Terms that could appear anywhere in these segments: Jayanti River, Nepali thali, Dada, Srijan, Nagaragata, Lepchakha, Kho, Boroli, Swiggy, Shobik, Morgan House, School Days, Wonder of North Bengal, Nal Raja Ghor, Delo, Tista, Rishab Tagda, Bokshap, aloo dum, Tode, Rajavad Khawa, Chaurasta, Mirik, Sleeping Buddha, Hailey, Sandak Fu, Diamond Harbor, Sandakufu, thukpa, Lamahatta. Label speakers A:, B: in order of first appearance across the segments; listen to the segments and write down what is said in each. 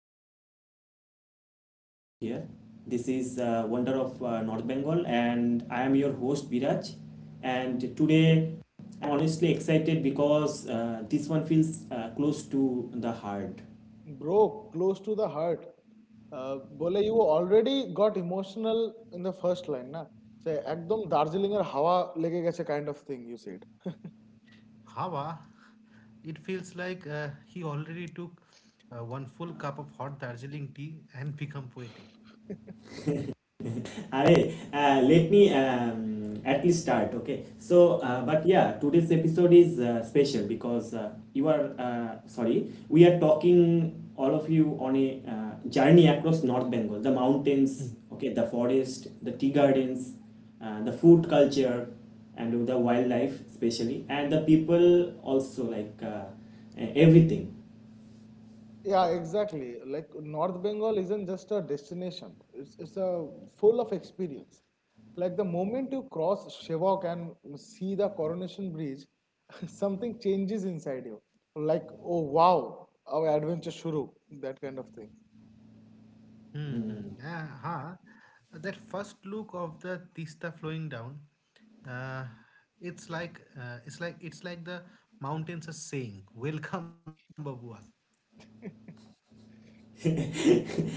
A: first time if you are new here. This is Wonder of North Bengal, and I am your host Biraj. And today, I'm honestly excited because this one feels close to the heart.
B: Bro, close to the heart. Uh, বলে you already got emotional in the first line না সে একদম দার্জিলিং এর হাওয়া লেগে গেছে kind of thing you said.
C: Hava, it feels like he already took one full cup of hot Darjeeling tea and become poetic.
A: Arey, let me at least start, okay? So, but yeah, today's episode is special because sorry, we are talking all of you on a journey across North Bengal, the mountains,
C: Hmm.
A: okay, the forest, the tea gardens, the food culture, and the wildlife, especially, and the people also, like everything.
B: Yeah, exactly. Like North Bengal isn't just a destination. It's a full of experience. Like the moment you cross Shivak and see the Coronation Bridge, something changes inside you. Like, oh wow, our adventure shuru, that kind of thing.
C: Mm-hmm. Aha. That first look of the Tista flowing down, uh, it's like the mountains are saying, "Welcome, Babua."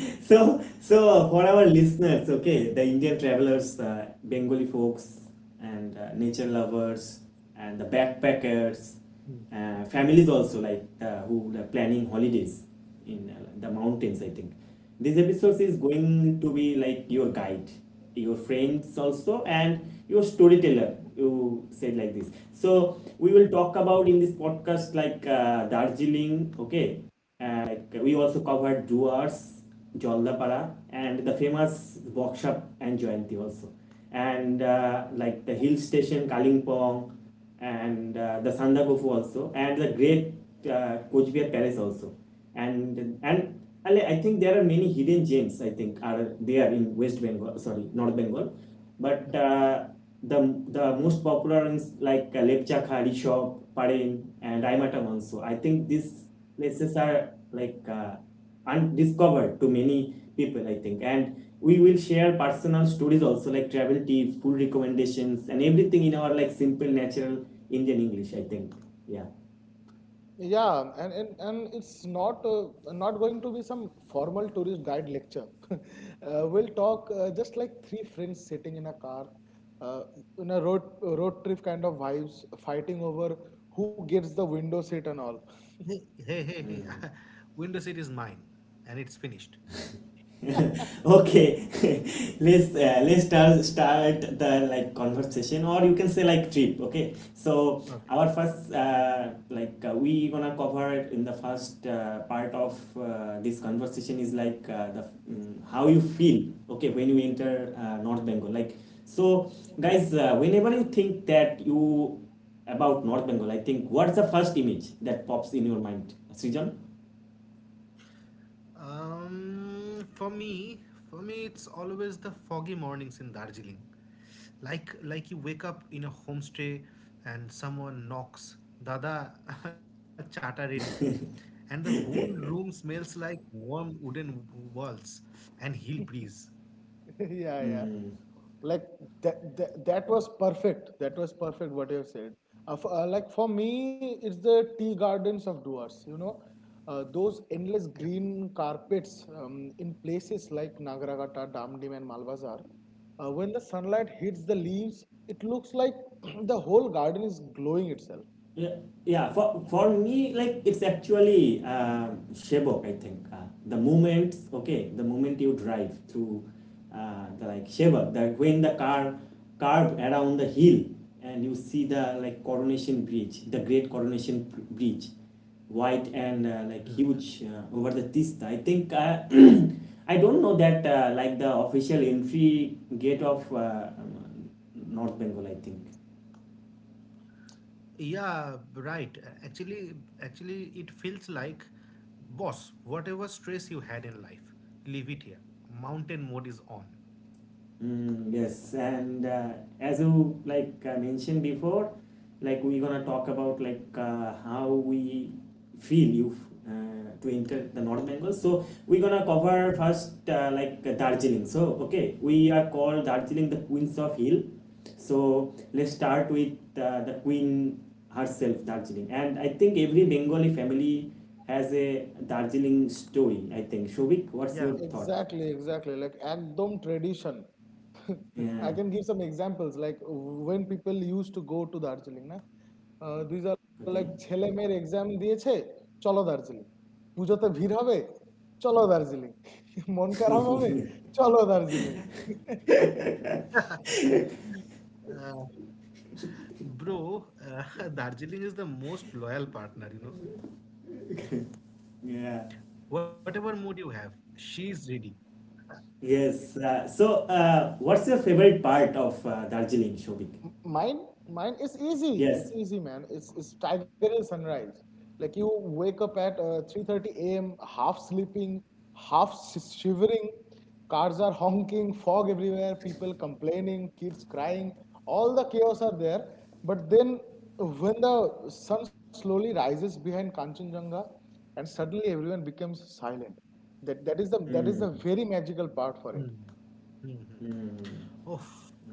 A: So, for our listeners, okay, the Indian travelers, Bengali folks, and nature lovers, and the backpackers, families also like who are planning holidays in the mountains. I think this episode is going to be like your guide, your friends also, and your storyteller. You said like this. So we will talk about in this podcast like Darjeeling, okay, and like we also covered Duars, Jollapara, and the famous Bokshap and Jayanti also. And like the hill station Kalingpong and the Sandakufu also, and the great Kojbihar Palace also. And I think there are many hidden gems, I think, are there in West Bengal, sorry, North Bengal. But
C: Yeah.
A: the the most popular is like Lepcha Khari shop, Padeng, and Raimatam Manso. I think these places are like undiscovered to many people. I think, and we will share personal stories also, like travel tips, food recommendations, and everything in our like simple, natural Indian English. I think, yeah.
B: Yeah, and it's not going to be some formal tourist guide lecture. We'll talk just like three friends sitting in a car, uh, in a road trip kind of vibes, fighting over who gets the window seat and all.
C: Hey, hey, hey, hey. Window seat is mine, and it's finished.
A: Okay. Let's start the like conversation, or you can say like trip. Okay, so our
C: Okay.
A: first, like, we gonna cover in the first part of this conversation is like how you feel, okay, when you enter North Bengal, like. So, guys, whenever you think that you about North Bengal, I think, what's the first image that pops in your mind, Srijan?
C: Um, for me, for me, it's always the foggy mornings in Darjeeling. Like you wake up in a homestay and someone knocks, Dada, chata ready. And the whole room smells like warm wooden walls and hill breeze.
B: Yeah, yeah. Like that was perfect what you have said. Like for me it's the tea gardens of Duars, those
C: Yeah.
B: endless green carpets in places like Nagaragata, Damdim and Malbazar. When the sunlight hits the leaves, it looks like the whole garden is glowing itself.
A: Yeah, yeah, for me, like it's actually Shebok, I think. The moment, you drive through the like Shebok, that when the car curve around the hill and you see the like Coronation Bridge, the great Coronation Bridge, white and like
C: Mm.
A: huge over the Tista, I think. I don't know that like the official entry gate of North Bengal, I think.
C: Yeah, right. Actually, it feels like, boss, whatever stress you had in life, leave it here. Mountain mode is on.
A: Mm, yes, and as you like mentioned before, like we're gonna talk about like how we feel you to enter the North Bengal.
C: Mm.
A: So we're gonna cover first, like, Darjeeling. So, okay, we are called Darjeeling the Queens of Hill. So let's start with the Queen herself, Darjeeling. And I think every Bengali family has a Darjeeling story. I think, Shobik, what's
C: Yeah.
A: your thought?
B: Exactly, exactly. Like Agdom tradition. I
A: Yeah.
B: can give some examples. Like when people used to go to Darjeeling, না? These are like
A: Okay.
B: ছেলে মেয়ের exam দিয়েছে চলো দার্জিলিং পুজোতে ভিড় হবে চলো দার্জিলিং মন খারাপ হবে চলো Darjeeling
C: Uh, Bro, Darjeeling is the most loyal partner. Whatever mood you have, she
A: Yeah.
C: is ready.
A: Yes. So, what's your favorite part of Darjeeling, Shobik?
B: M- Mine, mine is easy.
A: Yes.
B: It's easy, man. It's Tiger Hill sunrise. Like you wake up at 3:30 a.m., half sleeping, half shivering. Cars are honking, fog everywhere, people complaining, kids crying. All the chaos are there. But then, when the sun slowly rises behind Kanchenjunga, and suddenly everyone becomes silent. That that is the that is
A: Mm,
B: the very magical part for it.
C: Hmm. Hmm.
A: mm.
C: Oh,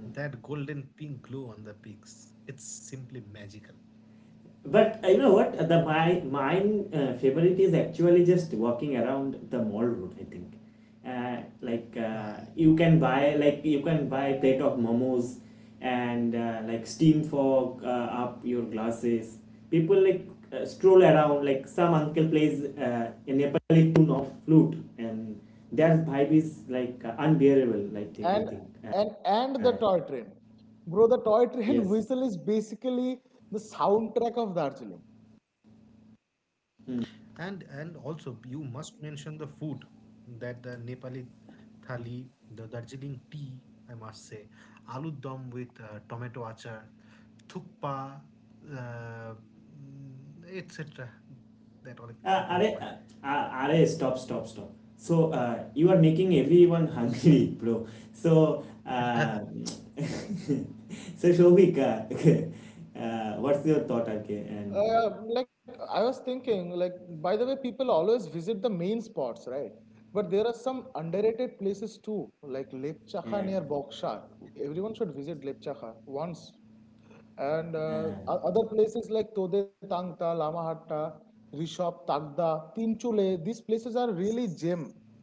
C: that golden pink glow on the peaks. It's simply magical.
A: But you know what? The my mine favorite is actually just walking around the mall road. I think, like, you
C: Ah.
A: can buy like you can buy a plate of momos, and like steam fog up your glasses. People like stroll around. Like some uncle plays a Nepali tune of flute, and that vibe is like unbearable. I think. I
B: and
A: think. Uh,
B: and the toy train, bro, the toy train
A: yes.
B: whistle is basically the soundtrack of Darjeeling.
C: And also you must mention the food that the Nepali thali, the Darjeeling tea, I must say, aloo dum with tomato achar, thukpa, uh, etc. That all I
A: Uh,
C: can
A: are,
C: remind.
A: Stop, stop, stop. So you are making everyone hungry, bro. So uh, so Shobik, what's your thought? Okay, and
B: Like I was thinking, like, by the way, people always visit the main spots, right? But there are some underrated places too, like Lepchakha
A: uh,
B: near Boksha. Everyone should visit Lepchakha once, and uh,
A: uh,
B: o- other places like Tode Tangta, Lamahatta, Rishab Tagda, Tinchule, these places are really gem,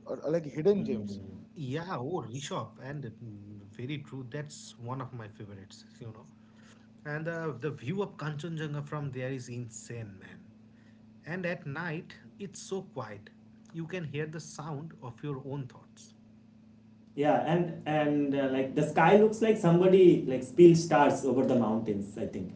B: or, like hidden gems.
A: mm.
C: Yeah, oh Rishabh, and very true. That's one of my favorites. And the view of Kanchenjunga from there is insane, man. And at night, it's so quiet. You can hear the sound of your own thoughts.
A: Yeah, and like the sky looks like somebody like spilled stars over the mountains. I think.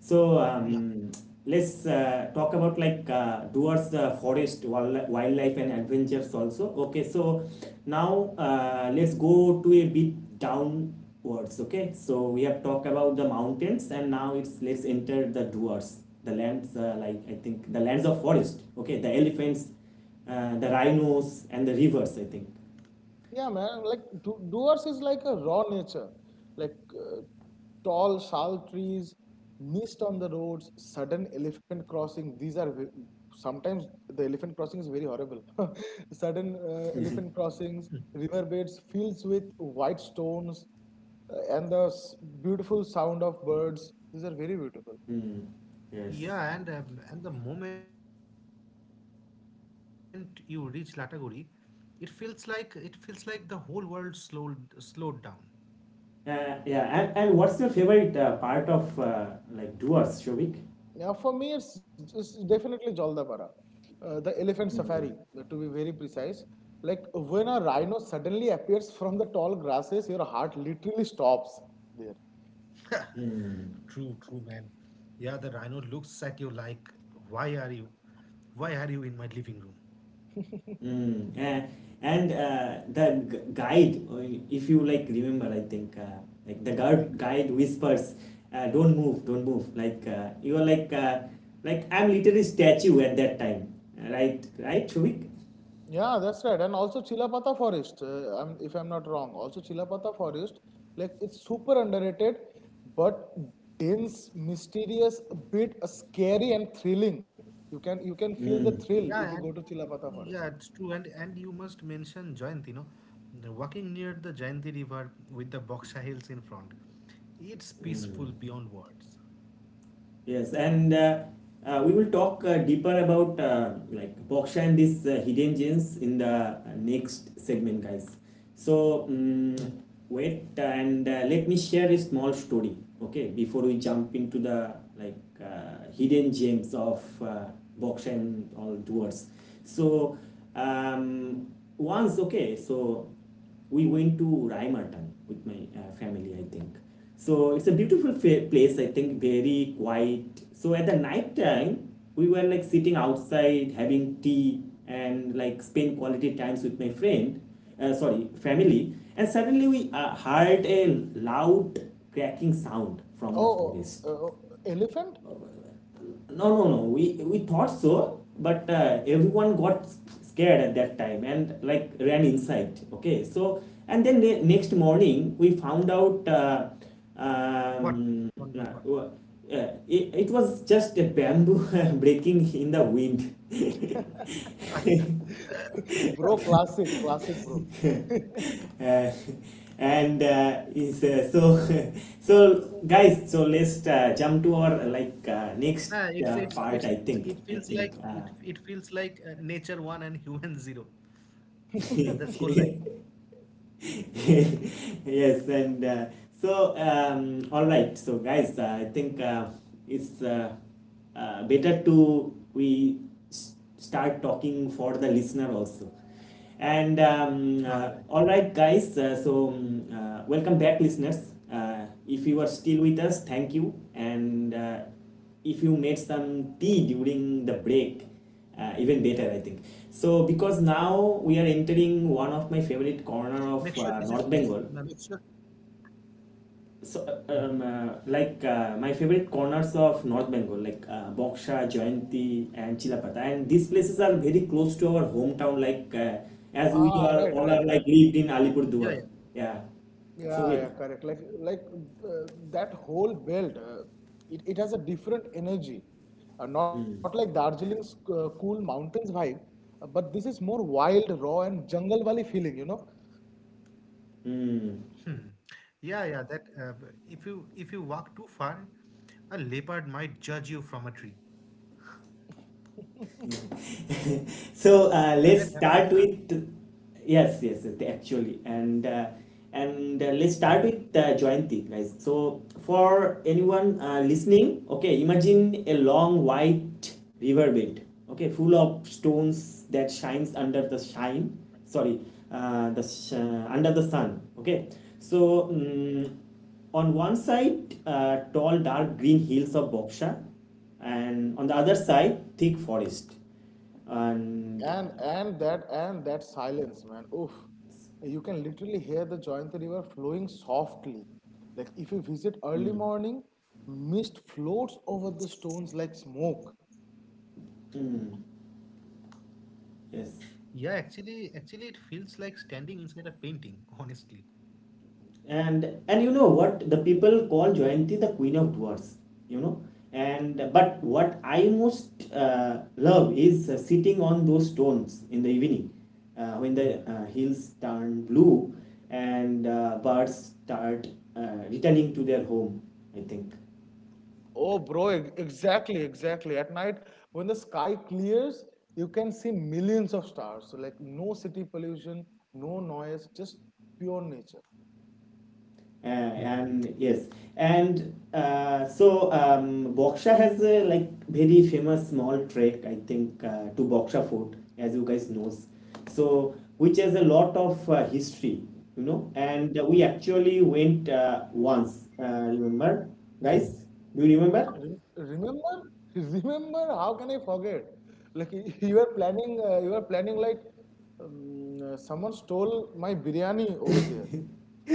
A: So,
C: Yeah,
A: let's talk about like Duar's forest, wildlife, and adventures also. Okay, so now, let's go to a bit downwards. Okay, so we have talked about the mountains, and now it's let's enter the Duars, the lands, like, I think the lands of forest. Okay, the elephants, the rhinos, and the rivers. I think.
B: Yeah, man. Like doers is like a raw nature, like tall sal trees, mist on the roads, sudden elephant crossing. Sometimes the elephant crossing is very horrible. Sudden elephant crossings, riverbeds, fields with white stones, and the beautiful sound of birds. These are very beautiful.
A: Mm, yes.
C: yeah, and the moment you reach Lataguri, it feels like the whole world slowed down.
A: Yeah, and, what's your favorite part of like doers, Shovik?
B: Yeah, for me, it's definitely Jaldabara, the elephant safari, to be very precise. Like when a rhino suddenly appears from the tall grasses, your heart literally stops there.
A: Mm,
C: True, true, man. Yeah, the rhino looks at you like, "Why are you, why are you in my living room?"
A: mm. And the guide, if you like remember, I think like the guard
C: Yeah,
A: guide whispers, "Don't move, don't move." Like you are like I'm literally statue at that time, right? Right, Shovik?
B: Yeah, that's right. And also Chilapata Forest, if I'm not wrong, also Chilapata Forest, like it's super underrated, but dense, mysterious, a bit scary and thrilling. You can feel the
A: Mm,
B: thrill if you
C: yeah,
B: go to
C: and
B: Chilapata Forest.
C: yeah, it's true. And you must mention Jayanti, no, walking near the Jayanti River with the Boksha Hills in front, it's
A: mm.
C: peaceful beyond words.
A: Yes, and we will talk deeper about like Boksha and these hidden gems in the next segment, guys.
C: Hmm.
A: So, wait, and let me share a small story. Okay, before we jump into the like hidden gems of Boksha and all doers. So, um, once, okay, so we went to Raimartan with my family. I think so. It's a beautiful place. I think very quiet. So at the night time, we were like sitting outside having tea and like spend quality times with my friend, sorry, family, and suddenly we heard a loud cracking sound from the
B: Oh, oh,
A: forest.
B: oh, elephant?
A: No, no, no. We thought so, but everyone got scared at that time and like ran inside. Okay, so, and then next morning we found out.
C: What?
A: Um,
C: What?
A: uh,
C: What? What?
A: wa- it was just a bamboo breaking in the wind.
B: Bro, classic, classic, bro.
A: uh, and is so so guys, so let's jump to our like next
C: Yeah,
A: part. i
C: it
A: think i
C: feels like
A: think
C: it,
A: uh,
C: it feels like nature one and human zero. The score line.
A: Yes, and so, all right, so guys, I think it's better to we start talking for the listener also. And
C: Ah, yeah, yeah.
A: all right, guys, so, welcome back, listeners. If you are still with us, thank you. And if you made some tea during the break, even better, I think. So, because
C: Make
A: now
C: sure
A: we are
C: this is
A: entering one of my
C: make sure.
A: favorite corner of North Bengal.
C: Hmm.
A: So, like, my favorite corners of North Bengal, like, Boksha, Jayanti, and Chilapata, and these places are very close to our hometown. Like,
B: Ah, right,
A: as we
B: right, right.
A: are all are like lived in
C: Yeah, yeah.
A: Alipurduar, yeah.
B: Yeah, yeah, correct.
A: Shobit.
B: Like, that whole belt, it has a different energy. Not like
A: Mm.
B: Darjeeling's cool mountains vibe, but this is more wild, raw, and jungle valley feeling, you know?
C: Hmm.
A: Mm.
C: Yeah, yeah. If you walk too far, a leopard might judge you from a tree. No, that happens, nah.
A: So let's start with, yes, yes, actually, and
C: Hmm.
A: let's start with Jayanti, guys. So, for anyone listening, okay, imagine a long white riverbed, okay, full of stones that shines under the shine, sorry, under the sun, okay. So, on one side, tall, dark green hills of Boksha, and on the other side, thick forest. And
B: And that silence, man. Oof. You can literally hear the Jayanti River flowing softly. Like if you visit early
A: mm,
B: morning, mist floats over the stones like smoke.
C: Yeah, actually, it feels
A: yes,
C: like standing inside a painting. Honestly.
A: and you know what, the people call Jayanti the queen of dwarfs. You know, and but what I most love is sitting on those stones in the evening, when the
C: Hmm.
A: hills turn blue and birds start returning to their home. I think.
B: Oh, bro, exactly, exactly. At night, when the sky clears, you can see millions of stars. So, like, no city pollution, no noise, just pure nature.
A: And yes, and so, Boksha has a like very famous small trek, I think, to Boksha Fort, as you guys knows, so, which has a lot of history, you know, and we actually went once, remember, guys, do you remember?
B: Remember, remember, how can I forget? Like, you are planning, like, someone stole my biryani over there.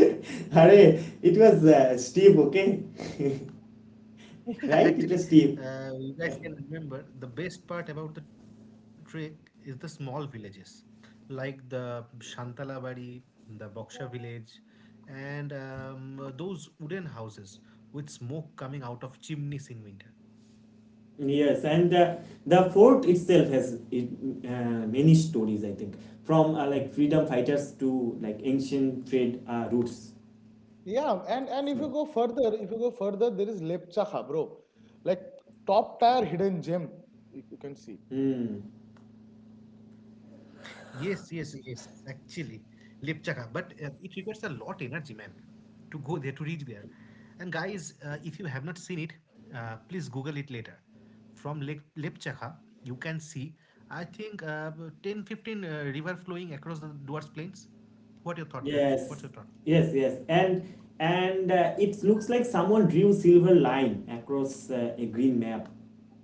A: Hare, it was Steve, okay. Right,
C: Actually,
A: it was Steve.
C: you guys can remember the best part about the trek is the small villages, like the Shantalabari, the Boksha village, and those wooden houses with smoke coming out of chimneys in winter.
A: Yes, and the fort itself has it, many stories, I think, from like freedom fighters to like ancient trade routes.
B: Yeah, and if you
A: So,
B: go further, if you go further, there is Lepchaha, bro. Like, top tier hidden gem, you can see.
A: mm,
C: Yes, yes, yes, actually, Lipchaka. But it requires a lot energy, man, to go there, to reach there. And guys, if you have not seen it, please Google it later. From Lake Lipchaka, you can see, I think, 10, 15 river flowing across the Duars Plains. What your thought, Biraj? What's your thought?
A: yes, yes, yes, and it looks like someone drew silver line across a green map,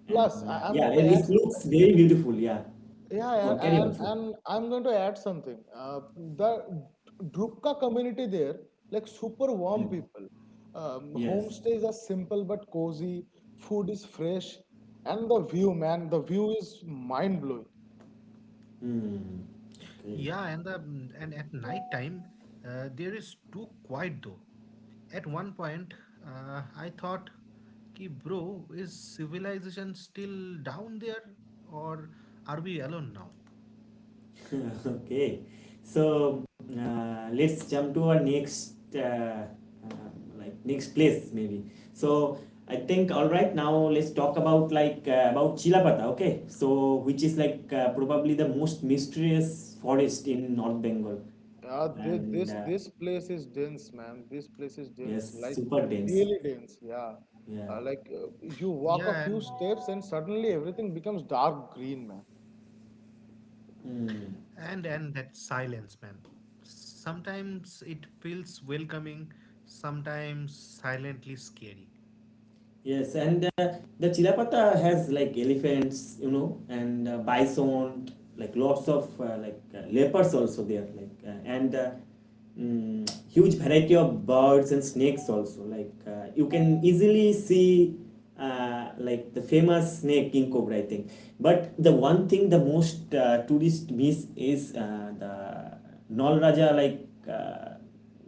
A: and
B: Plus, I, I'm
A: yeah,
B: going
A: and
B: to
A: it
B: add.
A: looks very beautiful. Yeah,
B: Yeah,
A: go on,
B: and
A: carry on,
B: and,
A: Shubh.
B: and I'm going to add something. The Drupka community there, like super warm
A: Mm,
B: people.
A: yes.
B: Homestays are simple but cozy. Food is fresh, and the view, man, the view is mind blowing.
A: Mm,
C: Yeah, and
A: okay.
C: the and at night time, there is too quiet though. At one point, I thought, "Ki bro, is civilization still down there, or are we alone now?"
A: Okay, so let's jump to our next, um, like, next place maybe. So I think, all right, now let's talk about like about Chilapata, okay, so, which is like probably the most mysterious forest in North Bengal.
B: Uh, this,
A: And
B: this this place is dense, man. This place is
A: yes,
B: dense, like
A: super dense,
B: really dense. Yeah,
A: yeah.
B: like you
C: Yeah,
B: walk a
C: and
B: few steps and suddenly everything becomes dark green, man.
A: Mm.
C: and and that silence, man. Sometimes it feels welcoming, sometimes silently scary.
A: Yes, and the Chilapata has like elephants, you know, and bison, like lots of like leopards also there, like, huge variety of birds and snakes also. Like you can easily see like the famous snake king cobra, I think. But the one thing the most tourist miss is the Nal Raja, like,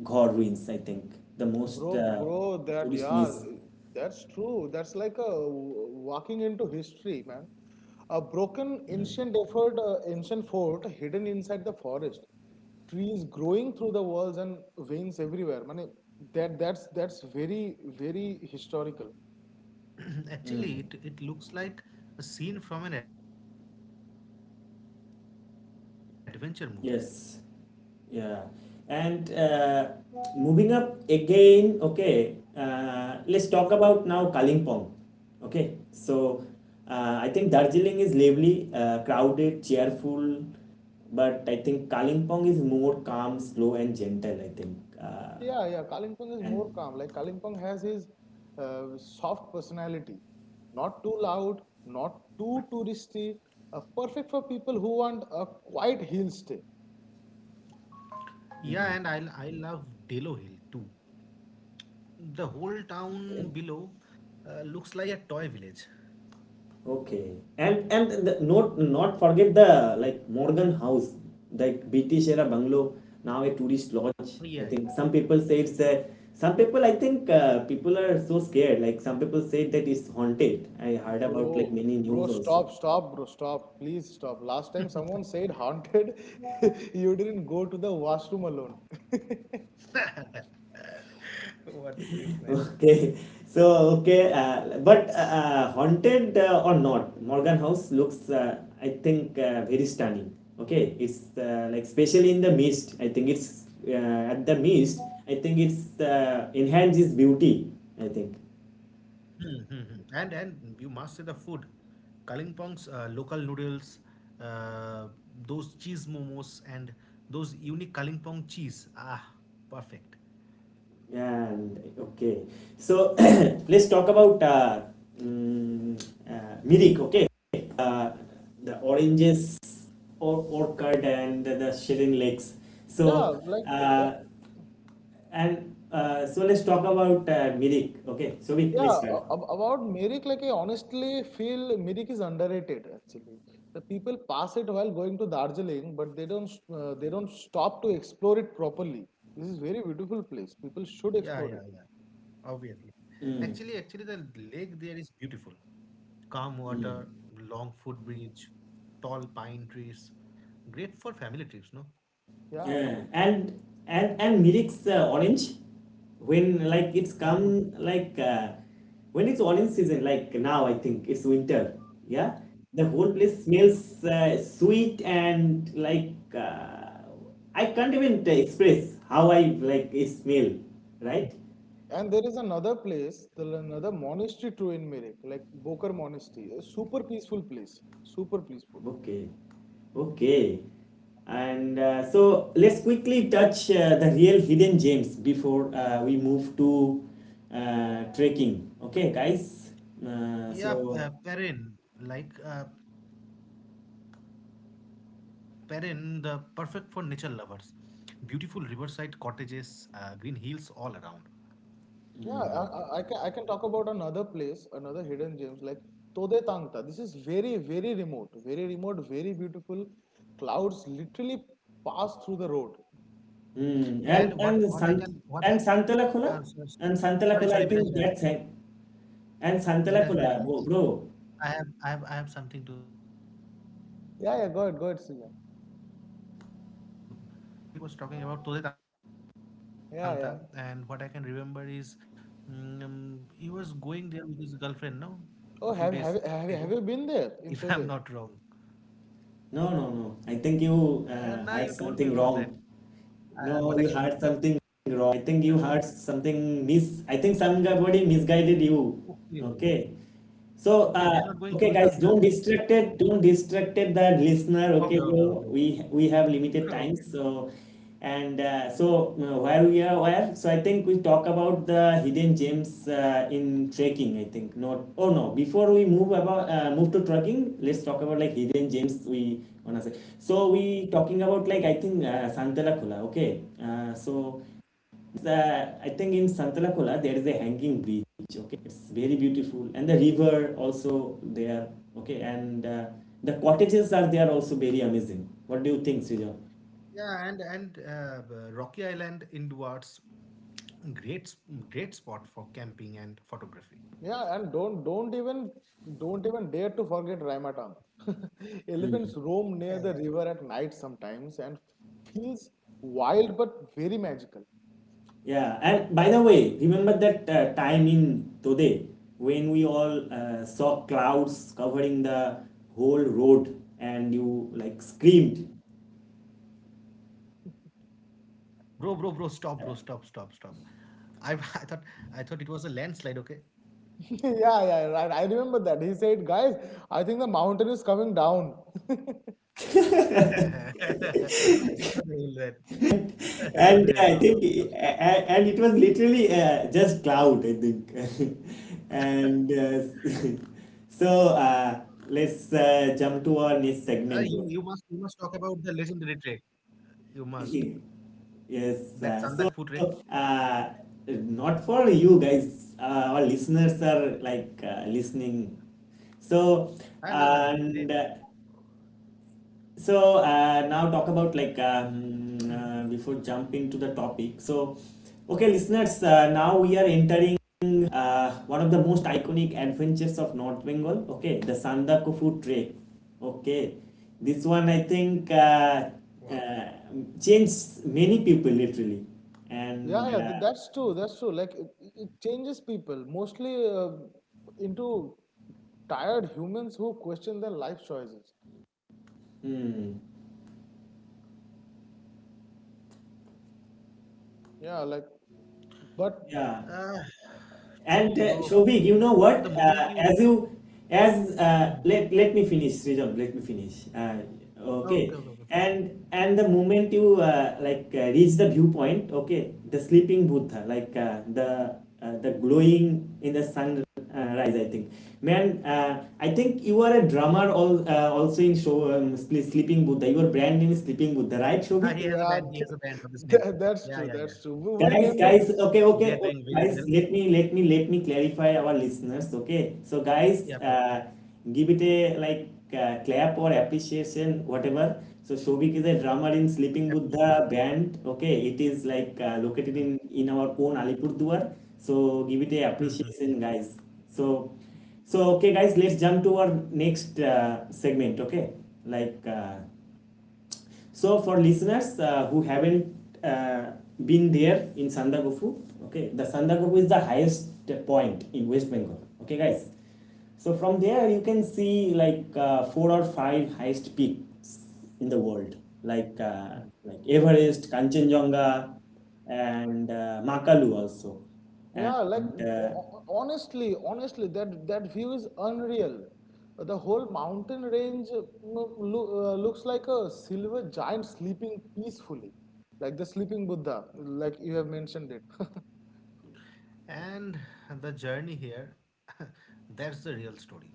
A: Ghor ruins, I think. The most
B: Bro, bro, that
A: tourist
B: yeah,
A: miss.
B: that's true. That's like a walking into history, man. A broken ancient fort hidden inside the forest. Trees growing through the walls and veins everywhere. Man, that's very, very historical.
C: Actually, it looks like a scene from an adventure movie.
A: Yes. Yeah. And moving up again, okay, let's talk about now Kalimpong. Okay. So, I think Darjeeling is lively, crowded, cheerful, but I think Kalimpong is more calm, slow, and gentle, I think.
B: Yeah, yeah. Kalimpong is
A: And,
B: more calm. Like Kalimpong has his soft personality, not too loud, not too touristy. Perfect for people who want a quiet hill stay.
C: Yeah, and
A: mm,
C: I love Delo Hill too. The whole
A: okay.
C: town below looks like a toy village.
A: Okay, and the, not forget the like Morgan House, like British
C: Yeah,
A: era
C: yeah.
A: bungalow, now a tourist lodge. I think some people say it's a. Some people, I think, people are so scared. Like some people say that it's haunted. I heard about like
B: Bro,
A: many
B: bro,
A: news also.
B: stop, stop, bro, stop. Please stop. Last time someone said haunted, you didn't go to the washroom alone.
C: What a joke, man.
A: Okay, so okay, but haunted, or not, Morgan House looks, I think, very stunning. Okay, it's like especially in the mist. I think it's at the mist. I think it's enhances beauty. I think,
C: Hmm, hmm, hmm. And you must say the food, Kalimpong's local noodles, uh, those cheese momos, and those unique Kalimpong cheese. Ah, perfect.
A: and okay, so let's talk about mm, Mirik. Okay, uh, the oranges or orchard and the Shirin Lakes.
B: Yeah,
A: So.
B: like,
A: Uh, And so let's talk about Mirik. Okay, so we
B: yeah,
A: let's start.
B: about Merrick, like, I honestly feel Merrick is underrated actually. The people pass it while going to Darjeeling, but they don't stop to explore it properly. This is very beautiful
C: Yeah, yeah,
B: place.
C: yeah.
B: People should explore it.
C: Obviously. Actually, the
A: Mm.
C: lake there is beautiful. Calm water, long footbridge, tall pine trees. Great for family trips, no?
B: Yeah,
A: Yeah.
B: true.
A: And Mirik's orange, when like it's
C: Uh, those-
A: come like when it's orange season, like now I think it's winter. Yeah, the whole place smells sweet and like I can't even express how I like it smell, right?
B: And there is another monastery too in Meerut, like Bokar Monastery, a super peaceful place, super peaceful.
A: Okay, okay. And so let's quickly touch the real hidden gems before we move to trekking. Okay, guys. Uh,
C: yeah,
A: so
C: Perrin. Like Perrin, the perfect for nature lovers. Beautiful riverside cottages, green hills all around.
B: Yeah, I can talk about another place, another hidden gems like Tode Tangta. This is very, very remote, very remote, very beautiful. Clouds literally pass through the road.
C: Yeah,
A: mm,
C: and what
A: and
C: what
A: and
C: I can
A: Sant
C: what
A: and Santalakola
C: so-
A: and
C: sorry
A: Santalakola. I
C: Biraj,
A: think that's it. And
C: Miraj,
A: Santalakola,
C: Miraj.
A: bro.
C: I have something to
B: Yeah,
C: just.
B: yeah, go ahead, Srijan.
C: Yeah, previously Shobik was talking about Tode Tangta, and what I can remember
B: Yeah,
C: is
B: yeah.
C: he was going there with his girlfriend, no, a few days ago,
B: Oh, have
C: if
B: have
C: I'm
B: have,
C: not
B: have
C: wrong.
B: you been there in Tode?
A: No, no, no.
C: Now
A: I
C: you
A: think
C: told me
A: you
C: about that.
A: heard something wrong.
C: Uh, what I can,
A: No, you heard something
C: uh,
A: wrong. I think you heard something mis. I think somebody misguided you.
C: okay,
A: Okay.
C: okay,
A: So
C: they are not going Tode
A: okay, guys,
C: Tangta. Huh?
A: don't distract
C: So,
A: it. Don't distract it, the listener.
C: okay,
A: Okay,
C: okay, okay,
A: bro. We have limited
C: okay.
A: time. So and so where we are where. So I think we talk about the hidden gems in trekking. I think not. Oh no. Before we move about move to trekking, let's talk about like hidden gems. We wanna say. So we talking about like I think Santala Khula. Okay. So. I think in Santalakola there is a hanging bridge. Okay, it's very beautiful, and the river also there. Okay, and the cottages are there also very amazing. What do you think, Srijan?
C: Yeah, and Rocky Island inwards, great s- great spot for camping and photography.
B: Yeah, and don't even dare to forget Raimatam.
A: Mm.
B: Elephants
C: Yeah,
B: roam
C: yeah.
B: near the river at night sometimes and feels wild but very magical.
A: Yeah, and by the way, remember that time in Tode when we all saw clouds covering the whole road and you like screamed.
C: Bro, bro, bro, stop, stop, stop. I, I thought it was a landslide. Okay.
B: Yeah, yeah, right. I remember that. He said, guys, I think the mountain is coming down.
C: Don't remember all those
A: And
C: stuff.
A: I think, a- and it was literally just cloud, I think. And so let's
C: Uh, you
A: jump to
C: you
A: our
C: must you
A: next
C: must talk
A: segment,
C: about
A: bro.
C: the legendary trek. You must that Sandak food
A: Yes,
C: trek.
A: so uh, not for you guys, our listeners are like listening. So,
C: Ah, no, no,
A: and so
C: Mhm.
A: now talk about like before jump into the topic, so okay, listeners, now we are entering one of the most iconic adventures of North Bengal, okay, the Sandakufu trek, okay,
C: Wow.
A: this one I think uh, changed many people literally, and
B: Yeah, yeah, that's true. That's true. Like it changes people mostly into tired humans who question their life choices.
A: hmm,
B: Yeah, like,
C: Uh,
B: but
A: yeah.
C: True, bro. But
A: And
C: the moment
A: Shobhik,
C: you,
A: you know what? As you, as let me finish, Srijan. Let me finish.
C: oh, okay, okay, okay, for sure.
A: Okay. And the moment you like reach the viewpoint, okay, the sleeping Buddha, like the glowing in the sun rise. I think, man, I think you are a drummer. All also in show Sleeping
C: Ah, he
A: Buddha.
C: has a
A: Your
C: band.
A: brand
C: He
A: name
C: has
A: is
C: a
A: Sleeping
C: band of
A: Buddha,
C: this
A: right,
C: name.
A: Shobhik?
B: yeah,
C: Yeah, yeah, yeah.
B: that's true.
C: They are,
B: That's true. We
C: they
A: Guys,
C: are
B: named it.
A: guys,
C: doing very
A: okay,
C: well.
A: okay, okay, guys, let me clarify our listeners, okay? So,
C: Yep, yep.
A: guys, give it a like clap or appreciation, whatever. So,
C: Appreciation.
A: Shobik
C: Huh?
A: is a drummer in Sleeping Buddha band, okay? It is
C: Hmm.
A: like located in our own Alipurduar. So, give
C: Hmm,
A: it a
C: hmm,
A: appreciation, guys. So, so okay, guys, let's jump to our next segment, okay? Like. So for listeners who haven't uh, been there in Sandagofu, okay, the Sandagofu is the highest point in West Bengal. Okay, guys. So from there you can see like four or five highest peaks in the world, like uh,
C: hmm.
A: like Everest, Kanchenjunga, and Makalu also. And
B: Yeah, like
A: uh,
B: honestly, that view is unreal. The whole mountain range looks like a silver giant sleeping peacefully, like the sleeping Buddha, like you have mentioned it.
C: And the journey here, that's the real story.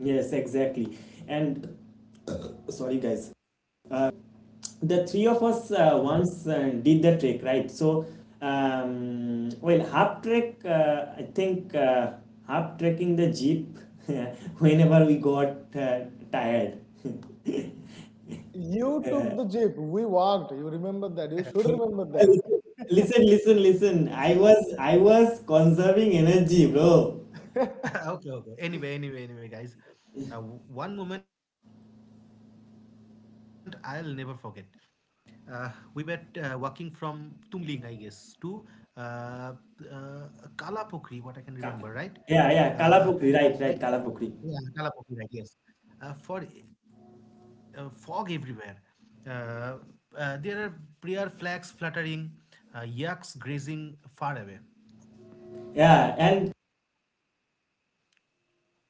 A: yes, exactly. And sorry, guys.
C: Hmm.
A: The three of us once did the trek, right? So well, half trek, I think, half trekking the jeep whenever we got tired.
B: You took the jeep. We walked. You remember that. You should remember that.
A: Listen, listen, I was conserving energy, bro.
C: okay, okay. Anyway, anyway, anyway, guys. One moment I'll never forget. We were walking from Tumling, I guess, to uh, uh, Kalapokri, what I can remember, right?
A: Ka- yeah, yeah,
C: Like,
A: Kalapukri, right,
C: yeah,
A: right, Kalapukri.
C: Kalapokri, right? Yes. For Fog everywhere. Uh, there are prayer flags fluttering, yaks grazing far away.
A: Yeah, and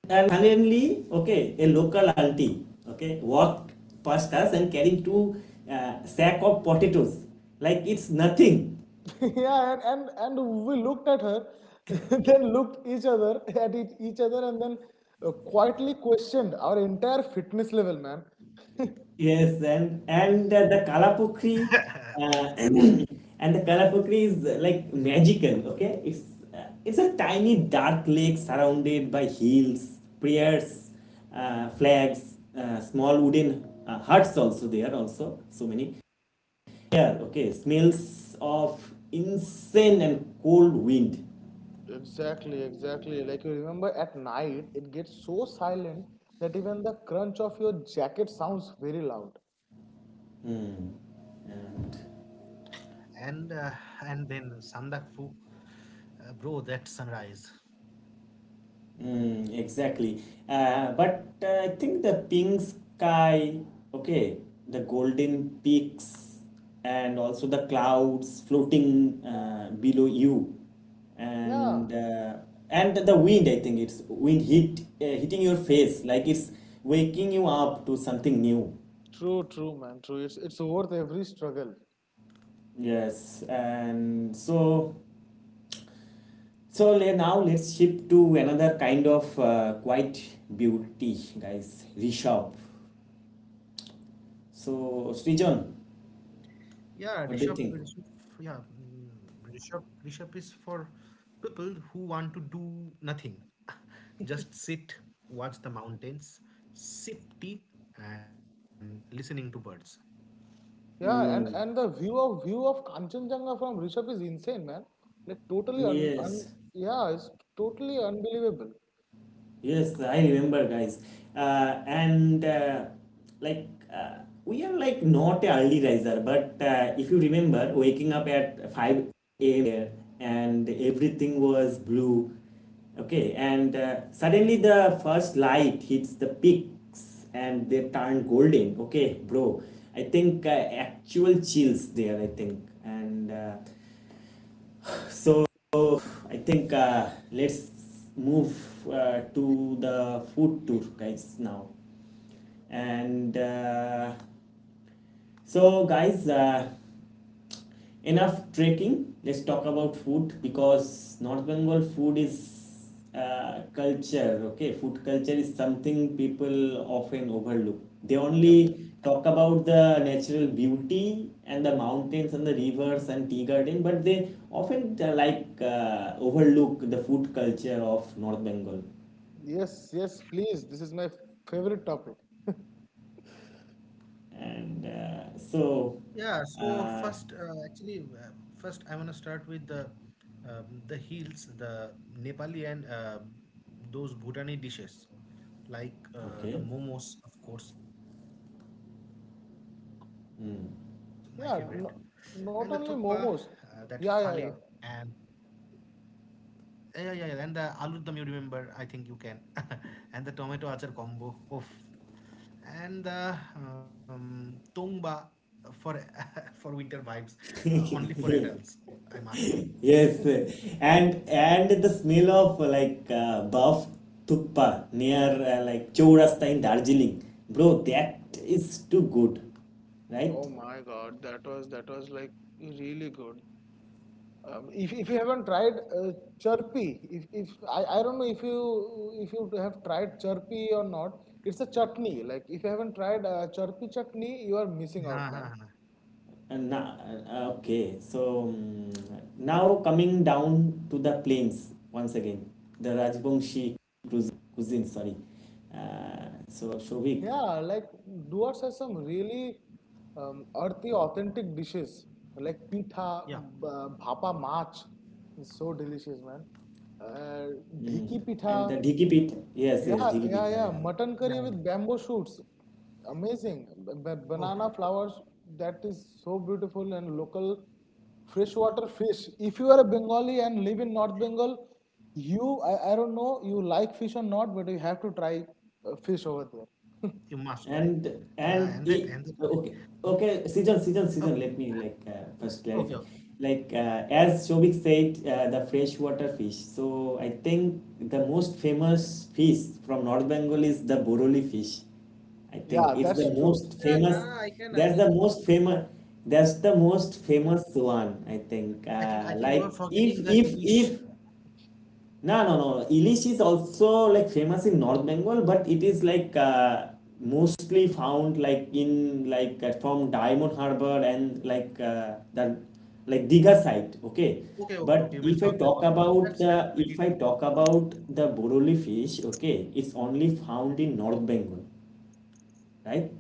A: And suddenly, okay, a local auntie, okay, walked past us and carrying two sack of potatoes, like it's nothing.
B: Yeah, and we looked at her, then looked each other at each other, and then quietly questioned our entire fitness level, man.
C: That's
A: Yes,
C: true.
A: and the Kalapukri, uh, and the Kalapukri is like magical. Okay, it's a tiny dark lake surrounded by hills, prayers, flags, small wooden huts also there also so many. Here, okay, smells of insane and cold wind.
B: Exactly, exactly. Like you remember at night, it gets so silent that even the crunch of your jacket sounds very loud.
A: Hmm.
C: And
A: And,
C: uh, and then Sandak Fu. Bro, that sunrise.
A: exactly. But I think the pink sky, okay, the golden peaks, and also the clouds floating below you,
B: Yeah,
A: and uh, and the wind. I think it's wind hitting your face like it's waking you up to something new.
B: true, true, man, true. It's worth every struggle.
A: Yes, and so now let's shift to another kind of quiet beauty, guys. Rishabh. So
C: Yeah,
A: Srijan,
C: Rishabh, Rishabh, yeah,
A: what do you
C: mm,
A: think?
C: Rishabh, Rishabh is for people who want to do nothing. Just sit, watch the mountains, sip tea, and listening to birds.
B: Yeah, and the view of Kanchenjunga from Rishabh is insane, man. Like totally un, un
A: Yes.
B: yeah, it's totally unbelievable.
A: Yes, I remember, guys. And like uh, we are like not a early riser, but if you remember, waking up at 5 a.m. there and everything was blue. Okay, and suddenly the first light hits the peaks and they turn golden. Okay, bro, I think actual chills there. I think and. So I think let's move to the food tour, guys, now. And so, guys, enough trekking. Let's talk about food, because North Bengal food is culture. Okay, food culture is something people often overlook. They
B: Yeah,
A: only talk about the natural beauty and the mountains and the rivers and tea garden, but they often like overlook the food culture of North Bengal.
B: yes, yes, please. This is my favorite topic.
A: And so
C: Yeah, so
A: uh,
C: actually, first I want to start with the heels, the Nepali and those Bhutani dishes, like the
A: okay.
C: momos, of course, my favorite, and the thukpa,
A: Hmm.
C: that
B: Yeah,
C: phale,
B: no, not only
C: and
B: momos. Yeah, yeah, yeah.
C: yeah, yeah, yeah, yeah, and the aloo dum. You remember? I think you can, and the tomato achar combo. Oof. And the tongba for for winter vibes, only for adults, I must say.
A: Yes, and the smell of like buff thukpa near like Chaurasta in Darjeeling, bro, that is too good, right?
B: Oh my God, that was like really good. If you haven't tried Chirpy, if I, I don't know if you have tried Chirpy or not, it's a chutney. Like if you haven't tried Chirpy chutney, you are missing out, man.
C: Ha, ha, ha.
A: And now, okay, so now coming down to the plains once again, the Rajbongshi cuisine, cuisine sorry. So Shovik,
B: Yeah, like Duars has some really earthy, authentic dishes like pitha,
C: Yeah,
B: bhapa mach, is so delicious, man. Uh,
A: mm,
B: Dhiki
A: and
B: pitha,
A: the Dhiki Pith, yes, yes,
B: yeah,
A: Dhiki
B: yeah,
A: Pith, yeah,
B: yeah.
A: yeah.
B: Mutton curry with bamboo shoots.
C: yeah. Yeah.
B: Amazing. Banana
C: Oh,
B: flowers, that is so beautiful. And local freshwater fish. If you are a Bengali and live in North Bengal, you, I don't know, you like fish or not, but you have to try fish over there.
C: you
A: And
C: must try.
A: and it,
C: Yeah,
A: okay, okay, season. Let me like
C: okay,
A: first clarify. Like
C: okay. Okay.
A: as Shobik said, the freshwater fish. So I think the most famous fish from North Bengal is the Boroli fish. I think
B: Yeah,
A: it's the
B: that's true.
A: most famous. That's the
C: Yeah,
A: most
C: nah, I
A: famous.
C: can,
A: That's the most famous one. I think. Like
C: I think, you are
A: if
C: forgetting the Inish.
A: no, no, no. Ilish is also like famous in North Bengal, but it is like mostly found like in like from Diamond Harbor and like the like Diga side. Okay,
C: Okay, okay, okay. You mean
A: but
C: South
A: if I
C: Bengal?
A: talk
C: That's
A: about
C: that's
A: the
C: pretty
A: if
C: true.
A: I talk about the Boroli fish, okay, it's only found in North Bengal, right?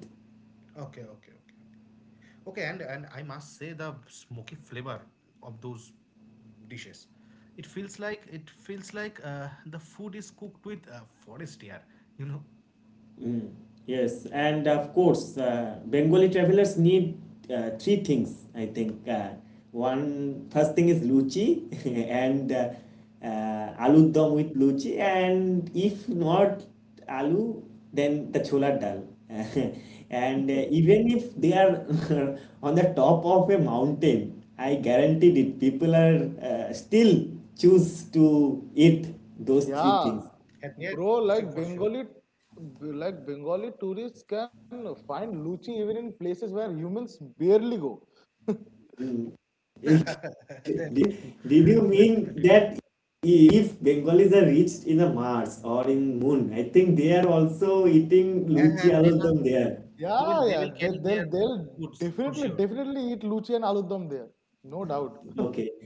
C: Okay, okay, okay. Okay, and I must say the smoky flavor of those dishes. It feels like the food is cooked with forest air. You know.
A: Yes, and of course, Bengali travelers need three things, I think. One first thing is luchi, and aloo dum with luchi, and if not aloo, then the chola dal. And even if they are on the top of a mountain, I guaranteed it, people are still choose to eat those three
B: Yeah.
A: things.
C: Yeah, yeah,
B: Bro,
C: sure,
B: like
C: for sure.
B: Bengali, like Bengali tourists can find luchi even in places where humans barely go.
A: Mm.
C: That's true.
A: Did,
C: That's
A: did you
C: pretty true.
A: mean that if Bengalis are reached in the Mars or in Moon, I think they are also eating
C: Yeah, yeah,
A: Luchi
C: they must,
A: Alodom there.
B: Yeah,
C: they will
B: yeah.
C: they
B: They,
C: will carry
B: they'll
C: their
B: they'll
C: foods
B: definitely
C: for sure.
B: definitely eat luchi and aloo dum there, no doubt.
A: Okay.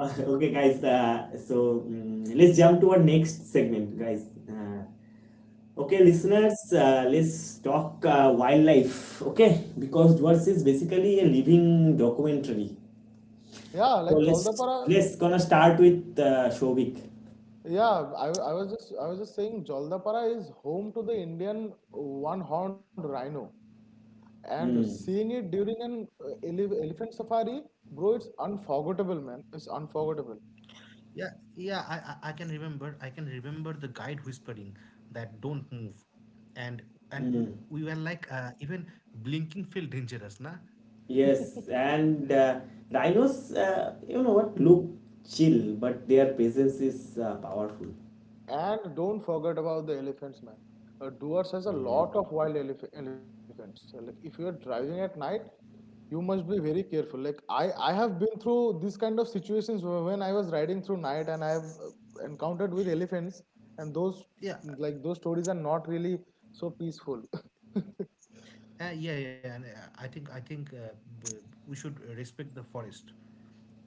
A: Okay, guys. So let's jump to our next segment, guys. Okay, listeners, let's talk wildlife. Okay, because Dwarfs is basically a living documentary.
B: Yeah,
A: So
B: like Jaldapara.
A: let's gonna start with Shobik.
B: Yeah, I was just saying Jaldapara is home to the Indian one-horned rhino, and
A: Mm,
B: seeing it during an elephant safari, bro, it's unforgettable, man. It's unforgettable.
C: Yeah, yeah, I can remember the guide whispering that don't move, and we,
A: mm.
C: were like even blinking feel dangerous, nah?
A: Yes, and rhinos, you know what, look chill, but their presence is powerful.
B: And don't forget about the elephants, man. Duars has a lot
A: Mm.
B: of wild elef elephants. So, like if you are driving at night, you must be very careful. Like I have been through this kind of situations when I was riding through night, and I have encountered with elephants, and those
C: Yeah,
B: like those stories are not really so peaceful.
C: yeah, yeah. And I think we should respect the forest.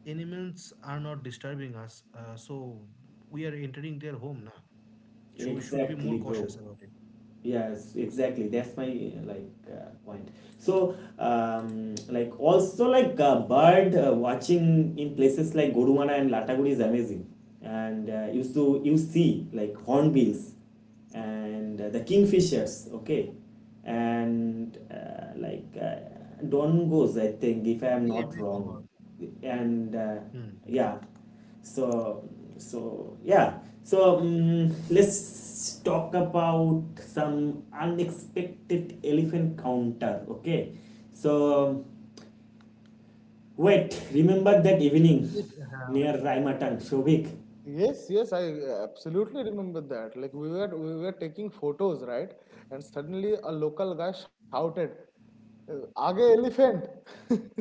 C: Animals are not disturbing us, so we are entering their home now, so we should be
A: Exactly,
C: more
A: bro.
C: cautious about it.
A: Yes, exactly, that's my like point. So like also like bird watching in places like Goruwana and Lataguri is amazing, and used to you see like hornbills and the kingfishers. Okay, and like don, I think, if I am
C: Doing
A: not
C: everything
A: wrong.
C: all.
A: And
C: Mhm.
A: yeah, so so yeah, so let's talk about some unexpected elephant counter. Okay, so wait, remember that
C: It,
A: evening
C: uh,
A: near Raimatang, Shobik?
B: Yes, yes, I absolutely remember that. Like we were taking photos, right? And suddenly a local guy shouted, Aage elephant!"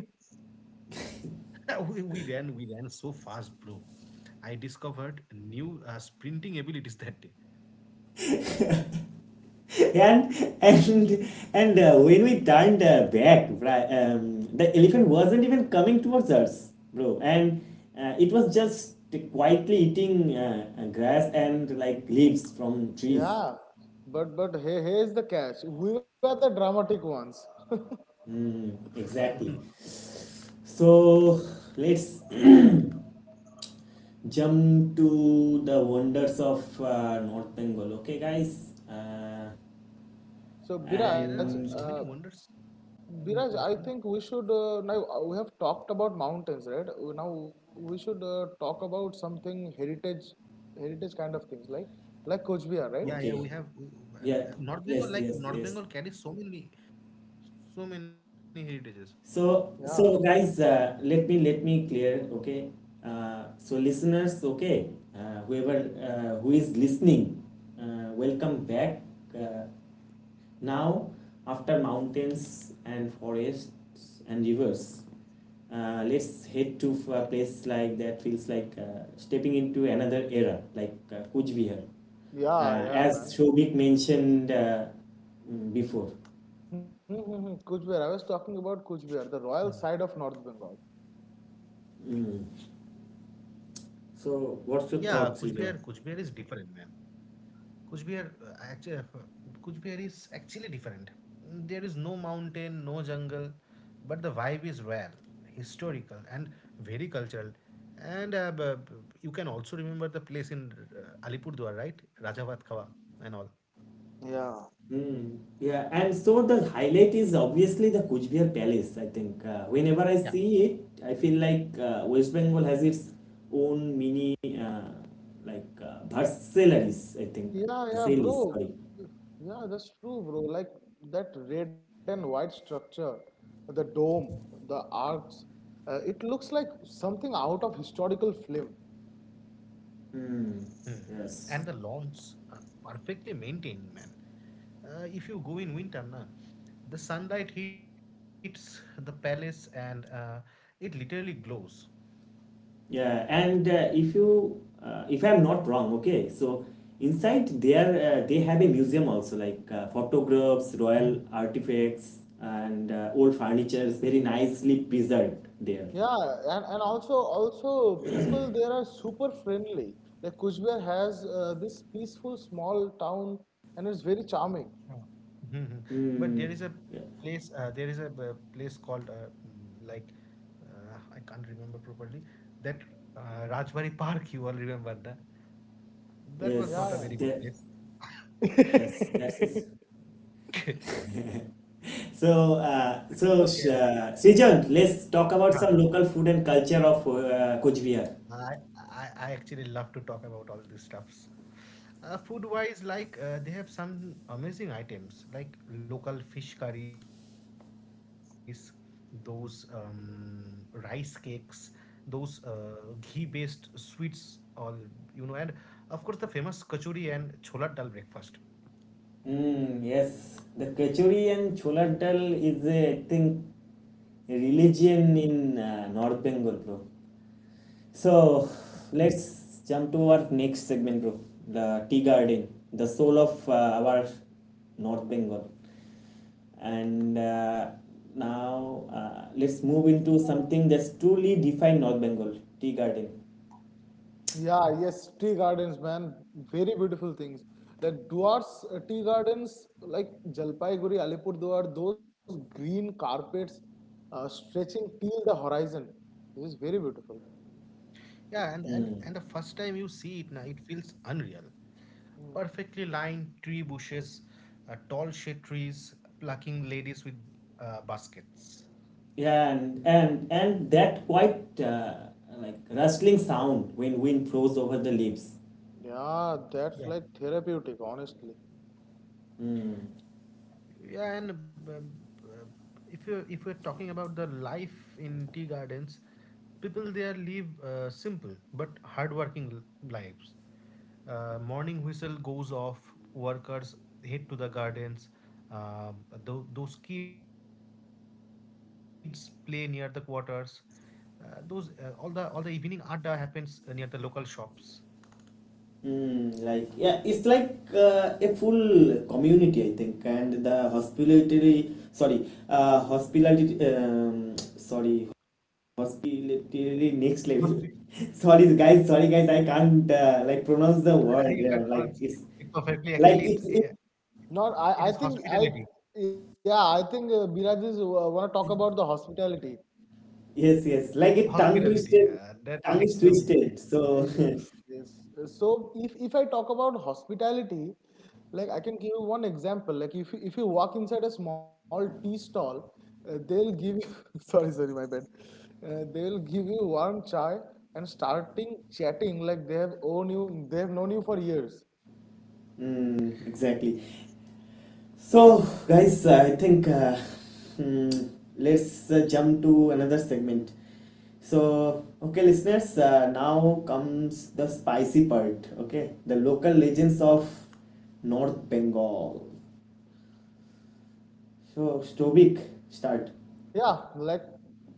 C: we ran so fast, bro. I discovered new sprinting abilities that day.
A: and and and when we turned back, right, the elephant wasn't even coming towards us, bro, and it was just quietly eating grass and like leaves from trees.
B: Yeah, but hey, here's the catch. We were the dramatic ones.
A: Mm, exactly. So let's jump to the wonders of North Bengal. Okay, guys.
B: So
C: There
B: Biraj,
C: are so
A: And
C: many wonders in North Bengal. No?
B: I think we should now we have talked about mountains, right? Now we should talk about something heritage, kind of things like Coach
C: Yeah,
B: Bihar,
C: yeah,
B: right?
A: okay,
C: uh,
A: yeah,
C: North Bengal. Like
A: yes,
C: North
A: yes,
C: Bengal
A: yes.
C: carries so many heritages.
A: So,
B: Yeah,
A: so guys, let me clear, okay? So listeners, okay, whoever who is listening, welcome back. Uh, now, after mountains and forests and rivers, let's head to a place like that feels like stepping into another era, like Kuch Bihar,
B: yeah, yeah,
A: as
B: man.
A: Shobik mentioned before.
B: Hmm, hmm, hmm. Kuch Bihar. I was talking about Kuch
C: Hmm.
B: Bihar, the royal side of North Bengal.
A: So,
C: Yeah,
A: what's your thought,
C: Kuchbihar
A: Sijan?
C: Kuchbihar is different, man. Kuchbihar, actually Kuchbihar is actually different. There is no mountain, no jungle, but the vibe is rare, historical, and very cultural. And you can also remember the place in Alipurdwar, right? Rajavad Khawa and all.
B: Yeah.
A: Hmm. Yeah, and so the highlight is obviously the Kuch Palace. I think whenever I see it,
C: Yeah.
A: I feel like West Bengal has its own mini Versailles. I think
B: Yeah, yeah,
A: Versailles.
B: bro.
A: Sorry.
B: Yeah, that's true, bro. Like that red and white structure, the dome, the arcs, it looks like something out of historical film.
A: Hmm.
C: Mhm. And the
A: Yes.
C: lawns are perfectly maintained, man. If you go in winter, na, the sunlight hits the palace and it literally glows.
A: Yeah, and if you if I'm not wrong, okay. So inside there they have a museum also like photographs, royal artifacts, and old furniture is very nicely preserved there.
B: Yeah, and also people there are super friendly. Like Kuchbehar has this peaceful small town and it's very charming.
C: Yeah. Mhm. But
A: Mm, yeah.
C: there is a place called like I can't remember properly that Rajbari Park. You all remember that? That was not
B: Yeah,
C: a
A: Yes,
C: very good
A: that,
C: place.
A: yes, that's it.
B: yeah.
C: Okay.
A: So,
C: Okay.
A: Srijan, let's talk about
C: Yeah.
A: some local food and culture of Coach Bihar.
C: I, I actually love to talk about all these stuffs. Food wise, like they have some amazing items like local fish curries, those rice cakes, those ghee based sweets, all and of course the famous kachori and chola dal breakfast.
A: Mm, yes, the kachori and chola dal is, a, I think, a religion in North Bengal, bro.
C: Hmm.
A: So let's jump to our next segment, bro. The tea garden, the soul of our North Bengal. And Now let's move into something that's truly defined North Bengal tea garden.
B: Yeah, yes, tea gardens, man. Very beautiful things. Like Duar's tea gardens, like Jalpaiguri, Alipurduar, those green carpets stretching till the horizon. This is very beautiful.
C: Yeah, and the first time you see it, na, it feels unreal. Perfectly lined
B: Hmm.
C: tree bushes, tall shade trees, plucking ladies with baskets.
A: Yeah, and that quite like rustling sound when wind blows over the leaves.
B: Yeah, that's
C: Yeah.
B: like therapeutic, honestly.
C: Yeah, and uh, if you if you're talking about the life in tea gardens, people there live simple but hardworking lives. Morning whistle goes off. Workers head to the gardens. Uh, those kids play near the quarters. Those all the evening adda happens near the local shops.
A: Mm, like yeah, it's like a full community, I think, and the hospitality, sorry, hospitality, sorry, hospitality next level.
C: Hospit-
A: Sorry, guys, sorry, guys, I can't like pronounce the word.
C: you can
A: Yeah,
C: pronounce it perfectly.
A: like
C: Actually,
A: it's it,
B: Not,
C: it
B: I, I
C: is
B: think, I,
C: hospitality.
B: yeah, I think uh, Biraj is want to talk about the hospitality.
C: Hospitality,
A: yes,
C: yeah,
A: yes, like
C: that
A: it
C: next
A: tongue
C: level
A: twisted,
C: thing.
A: tongue is twisted. So,
B: Yes, yes. So if I talk about hospitality, like I can give you one example. Like if you walk inside a small tea stall, they'll give you sorry, sorry, my bad. They'll give you warm chai and starting chatting like they have own you, they have known you for years.
A: mm, exactly. So, guys, I think hmm, let's jump to another segment. So, okay, listeners, now comes the spicy part. Okay, the local legends of North Bengal. So, Stovik, start.
B: Yeah, like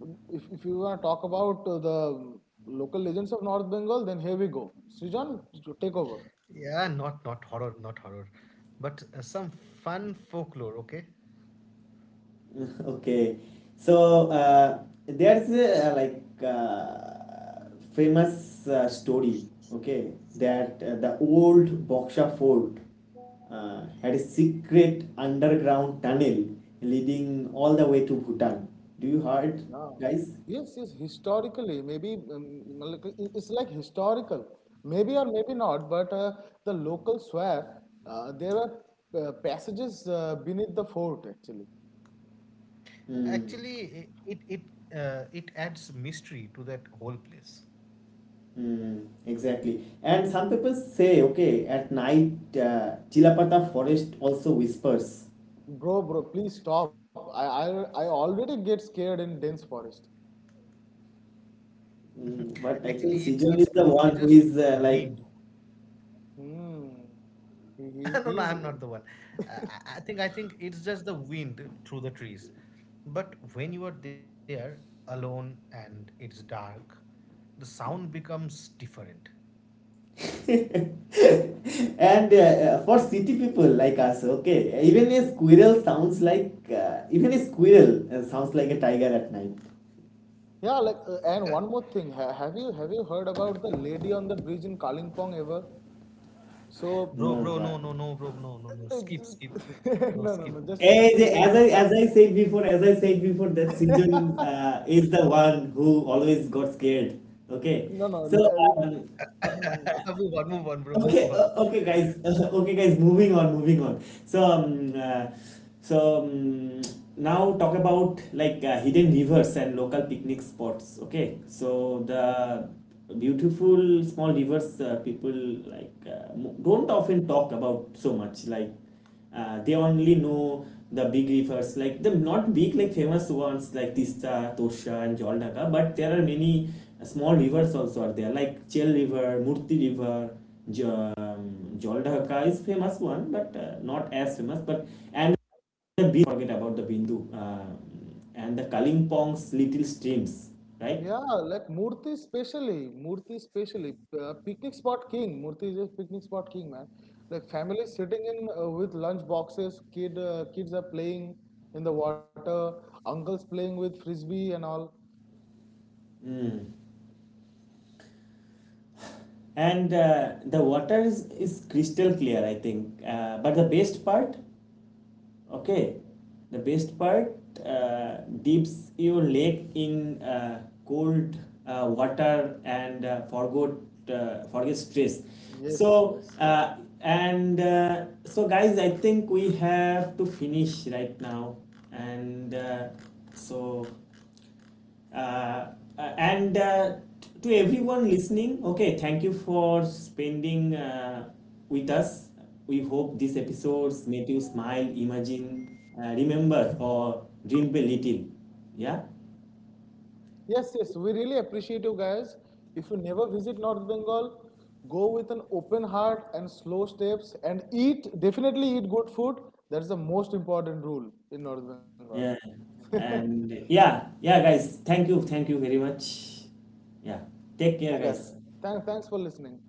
B: if you want to talk about the local legends of North Bengal, then here we go. Srijan, take over.
C: Yeah, not horror, not horror, but some fun folklore. Okay,
A: Okay, so there's a, famous story. Okay, that the old Boksha fort had a secret underground tunnel leading all the way to Bhutan. Do you heard,
B: Yeah.
A: guys?
B: Yes, yes, historically, maybe like, it's like historical, maybe or maybe not, but the locals swear there are passages beneath the fort actually.
A: Mm,
C: actually, it adds mystery to that whole place.
A: mm, exactly. And some people say, okay, at night, Chilapata forest also whispers.
B: Bro, bro, please stop. I already get scared in dense forest.
A: Mm,
C: Actually,
A: but
C: it's
A: I
C: it's
A: think
C: probably
A: Srijan is
C: just
A: the one who is
C: wind.
A: like
B: Hmm. He, he,
C: No, no, I'm
B: he's
C: not the one. Uh, I think it's just the wind through the trees. But when you are there alone and it's dark, the sound becomes different.
A: and for city people like us, okay, even a squirrel sounds like a tiger at night.
B: yeah, like and one more thing. Ha, have you heard about the lady on the bridge in Kalimpong ever? So
C: Bro,
A: No,
C: bro, no,
A: but
C: no, no, bro, no, no, no.
B: uh,
C: Skip, skip, bro,
B: no, no,
C: skip.
B: no. Just
A: as
B: like
A: as I said before, as I said before, that Sejong is the one who always got scared. Okay,
B: No, no.
A: so um, uh,
B: Mhm.
C: Move on, move on, bro,
A: okay,
C: move on.
A: okay, guys, okay, guys, moving on, moving on. So so um, now talk about like hidden rivers and local picnic spots. Okay, so the beautiful small rivers people like don't often
C: Hello.
A: talk about so much like. They only know the big rivers, like the not big, like famous ones like Tista, Torsha, and Jaldhaka. But there are many small rivers also are there, like Chel River, Murti River, J Joldhaka is famous one, but not as famous. But and the Bindu, forget about the Bindu and the Kalimpong's little streams, right?
B: Yeah, like Murthy especially, picnic spot king. Murthy is a picnic spot king, man. Like family sitting in with lunch boxes, kids are playing in the water, uncles playing with frisbee and all.
A: And the water is crystal clear, I think. But the best part, okay, the best part, dips your leg in cold water and forgot forget stress.
B: Yes,
A: so
B: yes.
A: uh, and uh, so guys, I think we have to finish right now. And so uh, and To everyone listening, okay, thank you for spending with us. We hope these episodes made you smile, imagine, remember, or dream a little. Yeah,
B: Yes, yes, we really appreciate you guys. If you never visit North Bengal, go with an open heart and slow steps and eat, definitely eat good food. That's the most important rule in North
A: yeah.
B: Bengal.
A: And yeah, guys, thank you, very much. Yeah, take care,
B: I guess.
A: guys.
B: Thanks for listening.